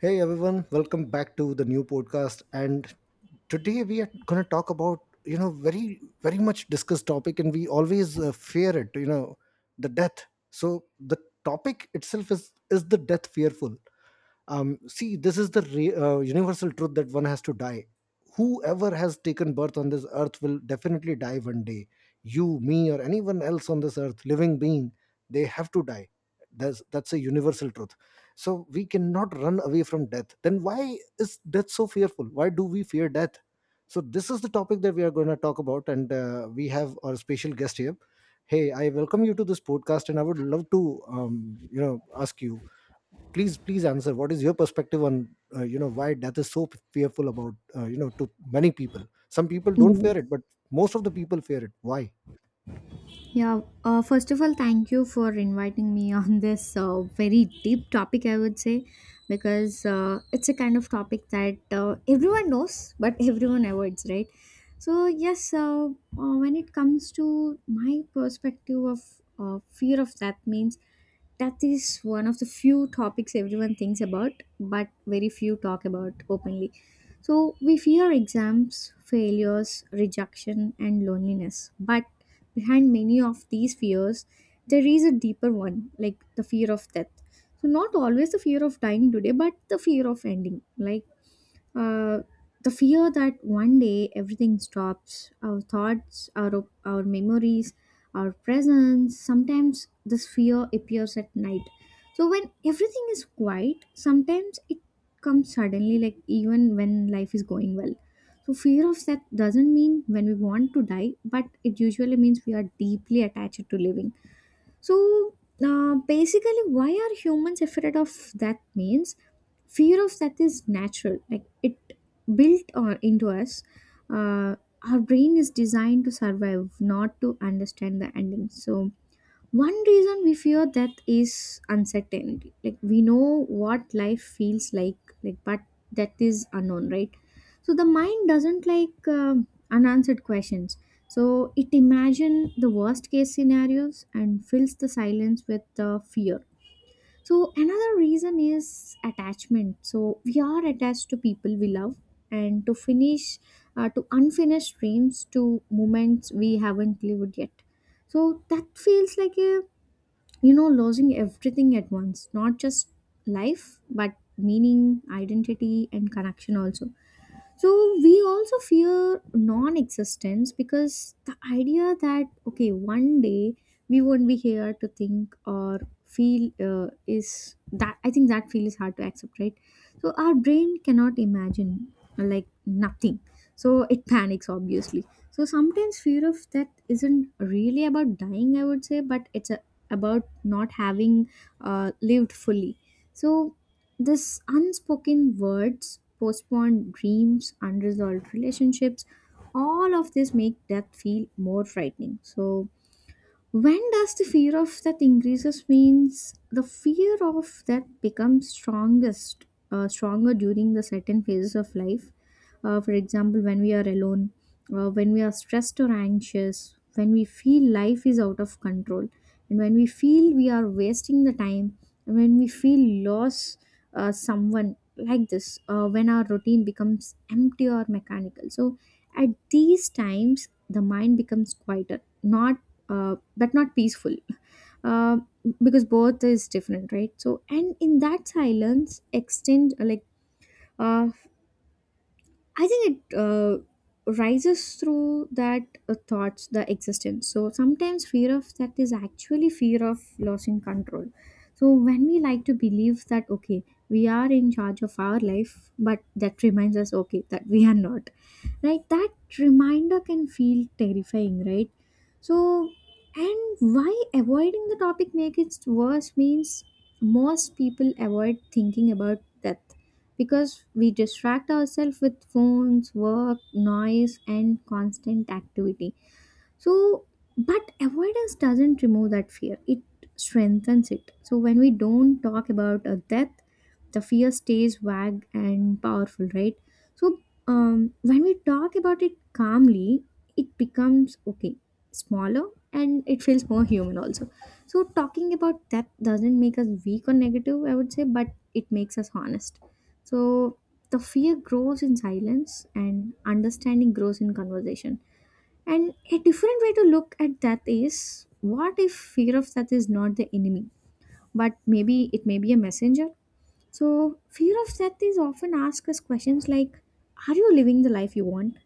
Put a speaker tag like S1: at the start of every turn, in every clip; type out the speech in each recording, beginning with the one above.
S1: Hey everyone, welcome back to the new podcast. And today we are going to talk about very much discussed topic, and we always fear it. The death. So the topic itself is the death fearful? See, this is the universal truth that one has to die. Whoever has taken birth on this earth will definitely die one day. You, me, or anyone else on this earth, living being, they have to die. That's a universal truth. So we cannot run away from death. Then why is death so fearful? Why do we fear death? So this is the topic that we are going to talk about, and we have our special guest here. Hey, I welcome you to this podcast, and I would love to ask you, please answer, what is your perspective on why death is so fearful about, to many people? Some people don't fear
S2: Yes.
S1: it, but most of the people fear it. Why?
S2: Yeah. First of all, thank you for inviting me on this very deep topic, I would say, because it's a kind of topic that everyone knows, but everyone avoids, right? So, yes, when it comes to my perspective of fear of death, means that is one of the few topics everyone thinks about, but very few talk about openly. So we fear exams, failures, rejection, and loneliness. But behind many of these fears, there is a deeper one, like the fear of death. So, not always the fear of dying today, but the fear of ending. Uh, the fear that one day everything stops, our thoughts, our memories, our presence. Sometimes this fear appears at night. So when everything is quiet, sometimes it comes suddenly, like even when life is going well. So fear of death doesn't mean when we want to die, but it usually means we are deeply attached to living. So basically, why are humans afraid of that? Means fear of that is natural. Like it built on into us. Uh, our brain is designed to survive, not to understand the ending. So one reason we fear death is uncertainty. We know what life feels like, but death is unknown, right? So the mind doesn't like unanswered questions. So it imagine the worst case scenarios and fills the silence with the fear. So another reason is attachment. So we are attached to people we love and to unfinished dreams, to moments we haven't lived yet, so that feels like a losing everything at once, not just life but meaning, identity, and connection also. So we also fear non-existence because the idea that okay, one day we won't be here to think or feel is that I think that feel is hard to accept, right? So our brain cannot imagine like nothing, so it panics, obviously. So sometimes fear of that isn't really about dying, I would say, but about not having lived fully. So this unspoken words, postponed dreams, unresolved relationships, all of this make death feel more frightening. So when does the fear of that increases means the fear of that becomes strongest, stronger during the certain phases of life. For example, when we are alone, when we are stressed or anxious, when we feel life is out of control, and when we feel we are wasting the time, and when we feel loss, someone like this, when our routine becomes empty or mechanical. So at these times, the mind becomes quieter, not but not peaceful, uh, because both is different, right? So, and in that silence, extend like uh, I think it rises through that thoughts, the existence. So sometimes fear of that is actually fear of losing control. So when we like to believe that okay, we are in charge of our life, but that reminds us okay that we are not. Right? That reminder can feel terrifying, right? So and why avoiding the topic makes it worse means most people avoid thinking about death because we distract ourselves with phones, work, noise, and constant activity. So, but avoidance doesn't remove that fear, it strengthens it. So, when we don't talk about a death, the fear stays vague and powerful, right? So, when we talk about it calmly, it becomes okay, smaller, and it feels more human also. So, talking about death doesn't make us weak or negative, I would say, but it makes us honest. So, the fear grows in silence, and understanding grows in conversation. And a different way to look at that is, what if fear of death is not the enemy, but maybe it may be a messenger? So, fear of death is often asked us questions like, are you living the life you want?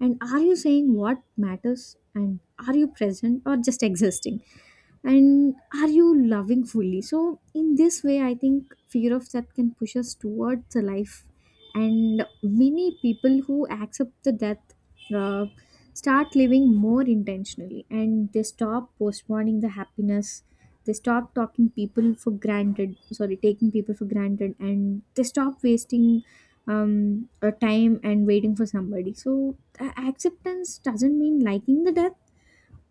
S2: And are you saying what matters? And are you present or just existing? And are you loving fully? So in this way I think fear of death can push us towards the life. And many people who accept the death uh, start living more intentionally, and they stop postponing the happiness. They stop talking people for granted, sorry, taking people for granted, and they stop wasting time and waiting for somebody. So acceptance doesn't mean liking the death,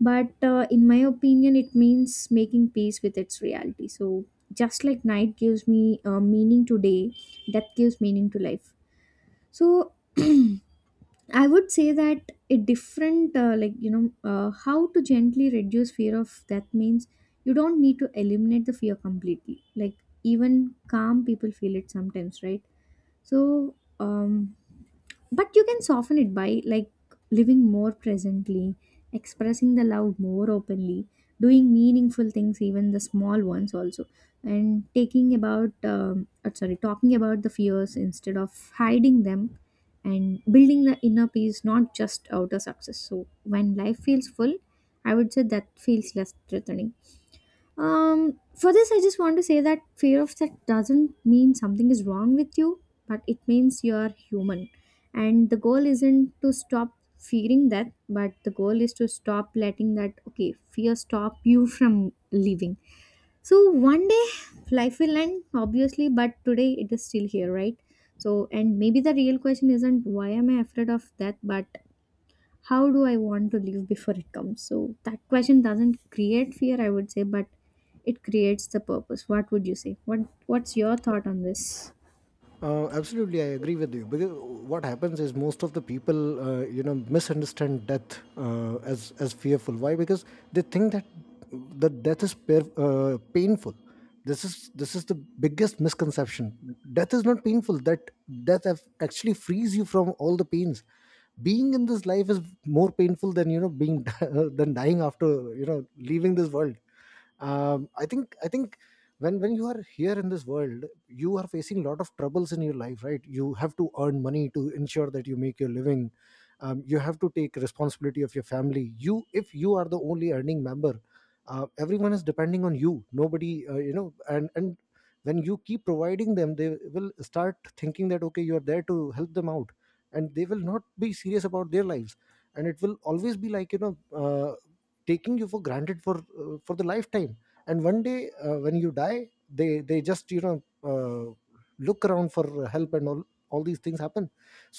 S2: but in my opinion, it means making peace with its reality. So, just like night gives me meaning to day, death gives meaning to life. So, I would say that a different, how to gently reduce fear of death means you don't need to eliminate the fear completely. Like, even calm people feel it sometimes, right? So, but you can soften it by like living more presently, expressing the love more openly, doing meaningful things, even the small ones also, and talking about the fears instead of hiding them, and building the inner peace, not just outer success. So, when life feels full, I would say that feels less threatening. For this, I just want to say that fear of sex doesn't mean something is wrong with you, but it means you're human. And the goal isn't to stop fearing that, but the goal is to stop letting that, okay, fear stop you from living. So one day life will end, obviously, but today it is still here, right? So, and maybe the real question isn't why am I afraid of that, but how do I want to leave before it comes? So that question doesn't create fear, I would say, but it creates the purpose. What would you say? What's your thought on this?
S1: Absolutely, I agree with you. Because what happens is, most of the people, misunderstand death as fearful. Why? Because they think that the death is painful. This is the biggest misconception. Death is not painful. That death actually frees you from all the pains. Being in this life is more painful than being than dying after leaving this world. I think when you are here in this world, you are facing a lot of troubles in your life. Right? You have to earn money to ensure that you make your living. You have to take responsibility of your family. You, if you are the only earning member, everyone is depending on you. Nobody and when you keep providing them, they will start thinking that okay, you are there to help them out, and they will not be serious about their lives. And it will always be like taking you for granted for the lifetime. And one day, when you die, they just uh, look around for help and all. All these things happen.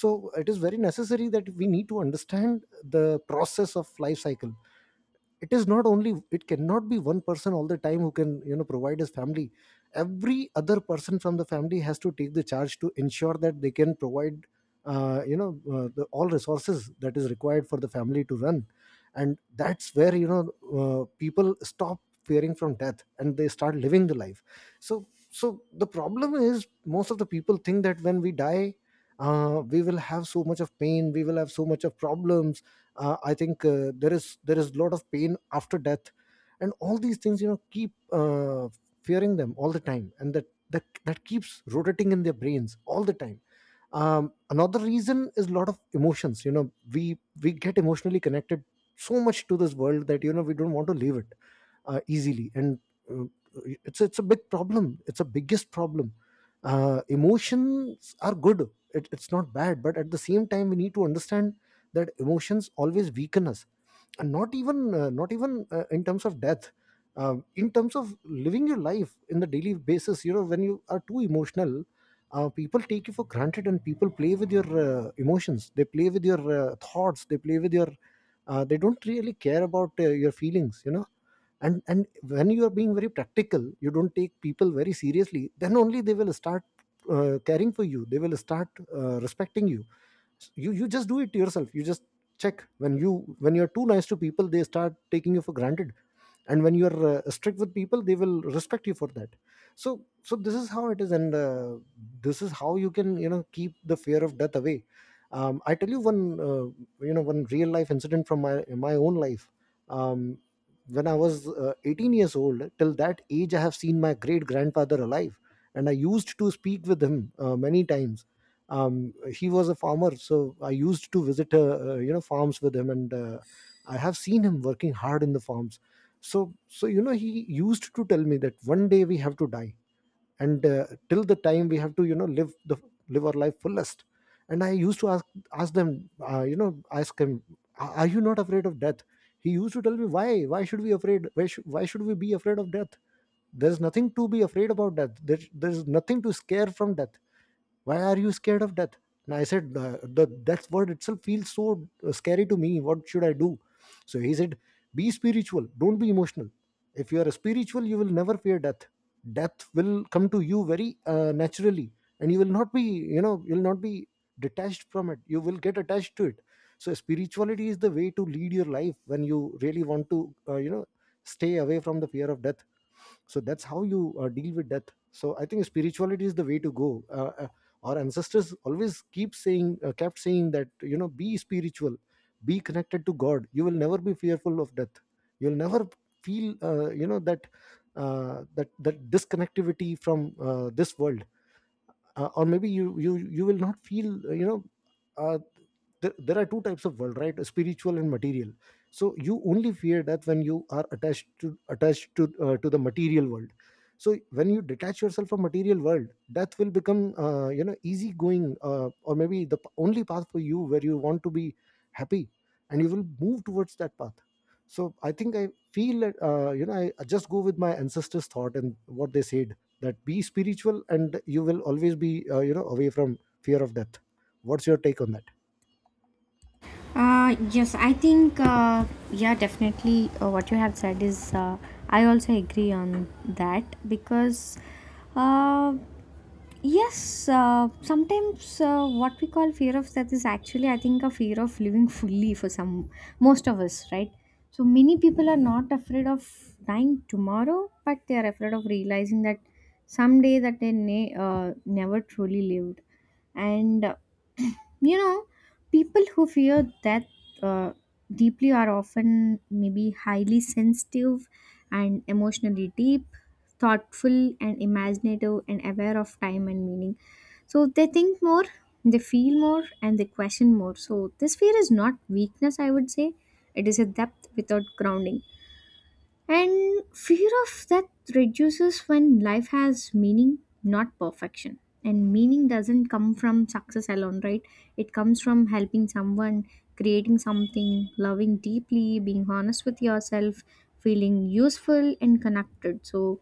S1: So it is very necessary that we need to understand the process of life cycle. It is not only, it cannot be one person all the time who can provide his family. Every other person from the family has to take the charge to ensure that they can provide the, all resources that is required for the family to run. And that's where people stop fearing from death and they start living the life. So the problem is, most of the people think that when we die, we will have so much of pain, we will have so much of problems. I think, there is a lot of pain after death. And all these things, keep fearing them all the time, and that keeps rotating in their brains all the time. Another reason is a lot of emotions. We get emotionally connected so much to this world that we don't want to leave it easily. And uh, it's a big problem. It's a biggest problem. Emotions are good. It's not bad, but at the same time we need to understand that emotions always weaken us. And not even, not even, in terms of death. Um, in terms of living your life in the daily basis, when you are too emotional, people take you for granted, and people play with your emotions, they play with your thoughts, they play with your they don't really care about your feelings, and when you are being very practical, you don't take people very seriously, then only they will start caring for you. They will start respecting you. You just do it yourself. You just check, when you, when you're too nice to people, they start taking you for granted. And when you're strict with people, they will respect you for that. So this is how it is, and this is how you can keep the fear of death away. I tell you one uh, one real life incident from my own life. um, when I was 18 years old, till that age, I have seen my great grandfather alive, and I used to speak with him many times. He was a farmer, so I used to visit, farms with him, and I have seen him working hard in the farms. So he used to tell me that one day we have to die, and till the time we have to live our life fullest. And I used to ask them you know ask him "A- are you not afraid of death?" He used to tell me, "Why? Why should we afraid why, should Why should we be afraid of death? There's nothing to be afraid about death. There's nothing to scare from death. Why are you scared of death?" And I said, "The death word itself feels so scary to me. What should I do?" So he said, be spiritual, don't be emotional. If you are spiritual, you will never fear death. Death will come to you very naturally, and you will not be, you'll not be detached from it. You will get attached to it. So spirituality is the way to lead your life when you really want to stay away from the fear of death. So that's how you deal with death. So I think spirituality is the way to go. Our ancestors always keep saying kept saying that, be spiritual, be connected to God. You will never be fearful of death. You'll never feel, that disconnectivity from this world. Or maybe you will not feel, uh, there, there are two types of world, right? Spiritual and material. So you only fear death when you are attached to to the material world. So when you detach yourself from material world, death will become easygoing, or maybe the only path for you, where you want to be happy, and you will move towards that path. So I think I feel that I just go with my ancestors' thought, and what they said, that be spiritual and you will always be away from fear of death. What's your take on that?
S2: Uh, yes, I think, uh, yeah, definitely what you have said is, I also agree on that because uh, yes, sometimes what we call fear of death is actually, I think, a fear of living fully for some, most of us, right? So many people are not afraid of dying tomorrow, but they are afraid of realizing that someday that they never truly lived. And you know, people who fear death uh, deeply are often maybe highly sensitive and emotionally deep, thoughtful and imaginative, and aware of time and meaning. So they think more, they feel more, and they question more. So this fear is not weakness, I would say. It is a depth without grounding. And fear of that reduces when life has meaning, not perfection. And meaning doesn't come from success alone, right? It comes from helping someone, creating something, loving deeply, being honest with yourself, feeling useful and connected. So,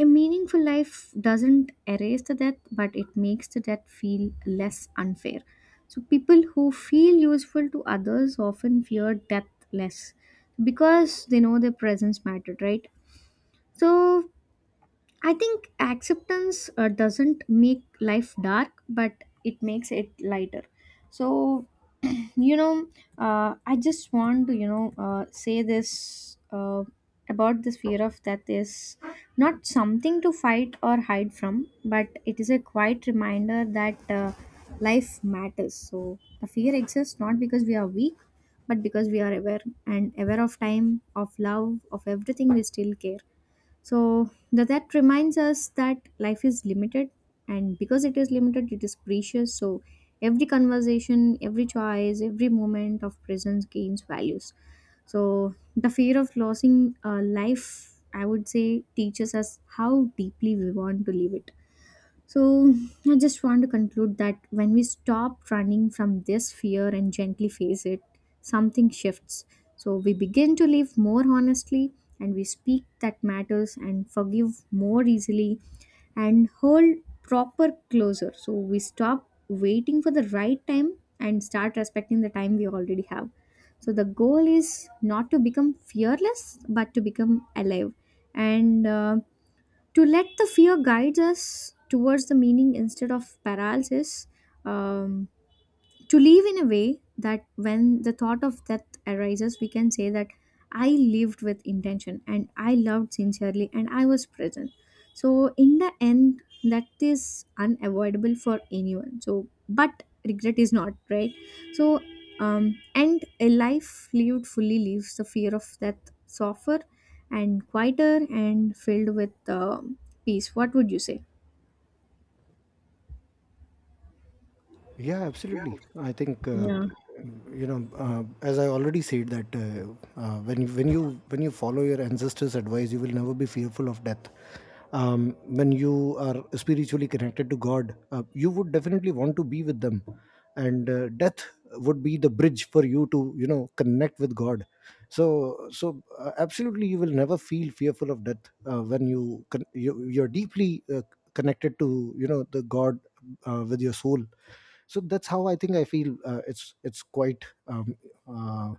S2: a meaningful life doesn't erase the death, but it makes the death feel less unfair. So, people who feel useful to others often fear death less because they know their presence mattered, right? So, I think acceptance doesn't make life dark, but it makes it lighter. So, you know, I just want to, you know, say this about this fear of death is not something to fight or hide from, but it is a quiet reminder that life matters. So, the fear exists not because we are weak, but because we are aware and aware of time, of love, of everything we still care. So that reminds us that life is limited, and because it is limited, it is precious. So every conversation, every choice, every moment of presence gains values. So the fear of losing life, I would say, teaches us how deeply we want to live it. So, I just want to conclude that when we stop running from this fear and gently face it, something shifts. So, we begin to live more honestly, and we speak that matters and forgive more easily and hold proper closer. So, we stop waiting for the right time and start respecting the time we already have. So, the goal is not to become fearless but to become alive. And to let the fear guide us towards the meaning instead of paralysis, um, to live in a way that when the thought of death arises, we can say that I lived with intention, and I loved sincerely, and I was present. So, in the end, that is unavoidable for anyone. So, but regret is not, right? So, and a life lived fully leaves the fear of death softer and quieter and filled with peace. What would you say?
S1: Yeah, absolutely. I think,
S2: Yeah.
S1: as I already said, that when you, when you follow your ancestors' advice, you will never be fearful of death. When you are spiritually connected to God, you would definitely want to be with them, and death would be the bridge for you to connect with God. Absolutely, you will never feel fearful of death when you, you you're deeply connected to the God with your soul. So that's how I think I feel, it's quite uh,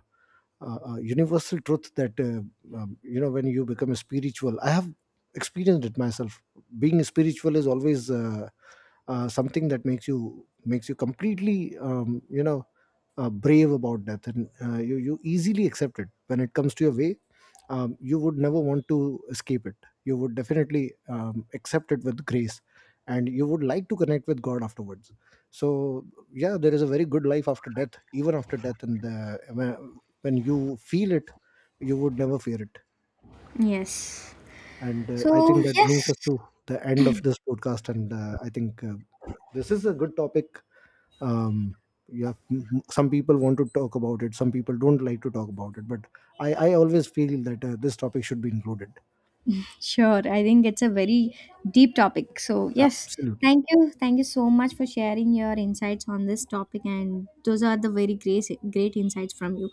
S1: universal truth that when you become a spiritual, I have experienced it myself. Being spiritual is always something that makes you, completely brave about death. And you easily accept it when it comes to your way. You would never want to escape it. You would definitely accept it with grace, and you would like to connect with God afterwards. So yeah, there is a very good life after death, even after death. And when you feel it, you would never fear it.
S2: Yes.
S1: And
S2: So
S1: I think that brings
S2: yes.
S1: us to the end of this podcast. And I think, this is a good topic. um yeah, some people want to talk about it, some people don't like to talk about it, but I always feel that this topic should be included.
S2: Sure, I think it's a very deep topic. So, yes,
S1: Absolutely.
S2: thank you. Thank you so much for sharing your insights on this topic. And those are the very great, great insights from you.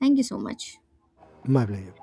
S2: Thank you so much.
S1: My pleasure.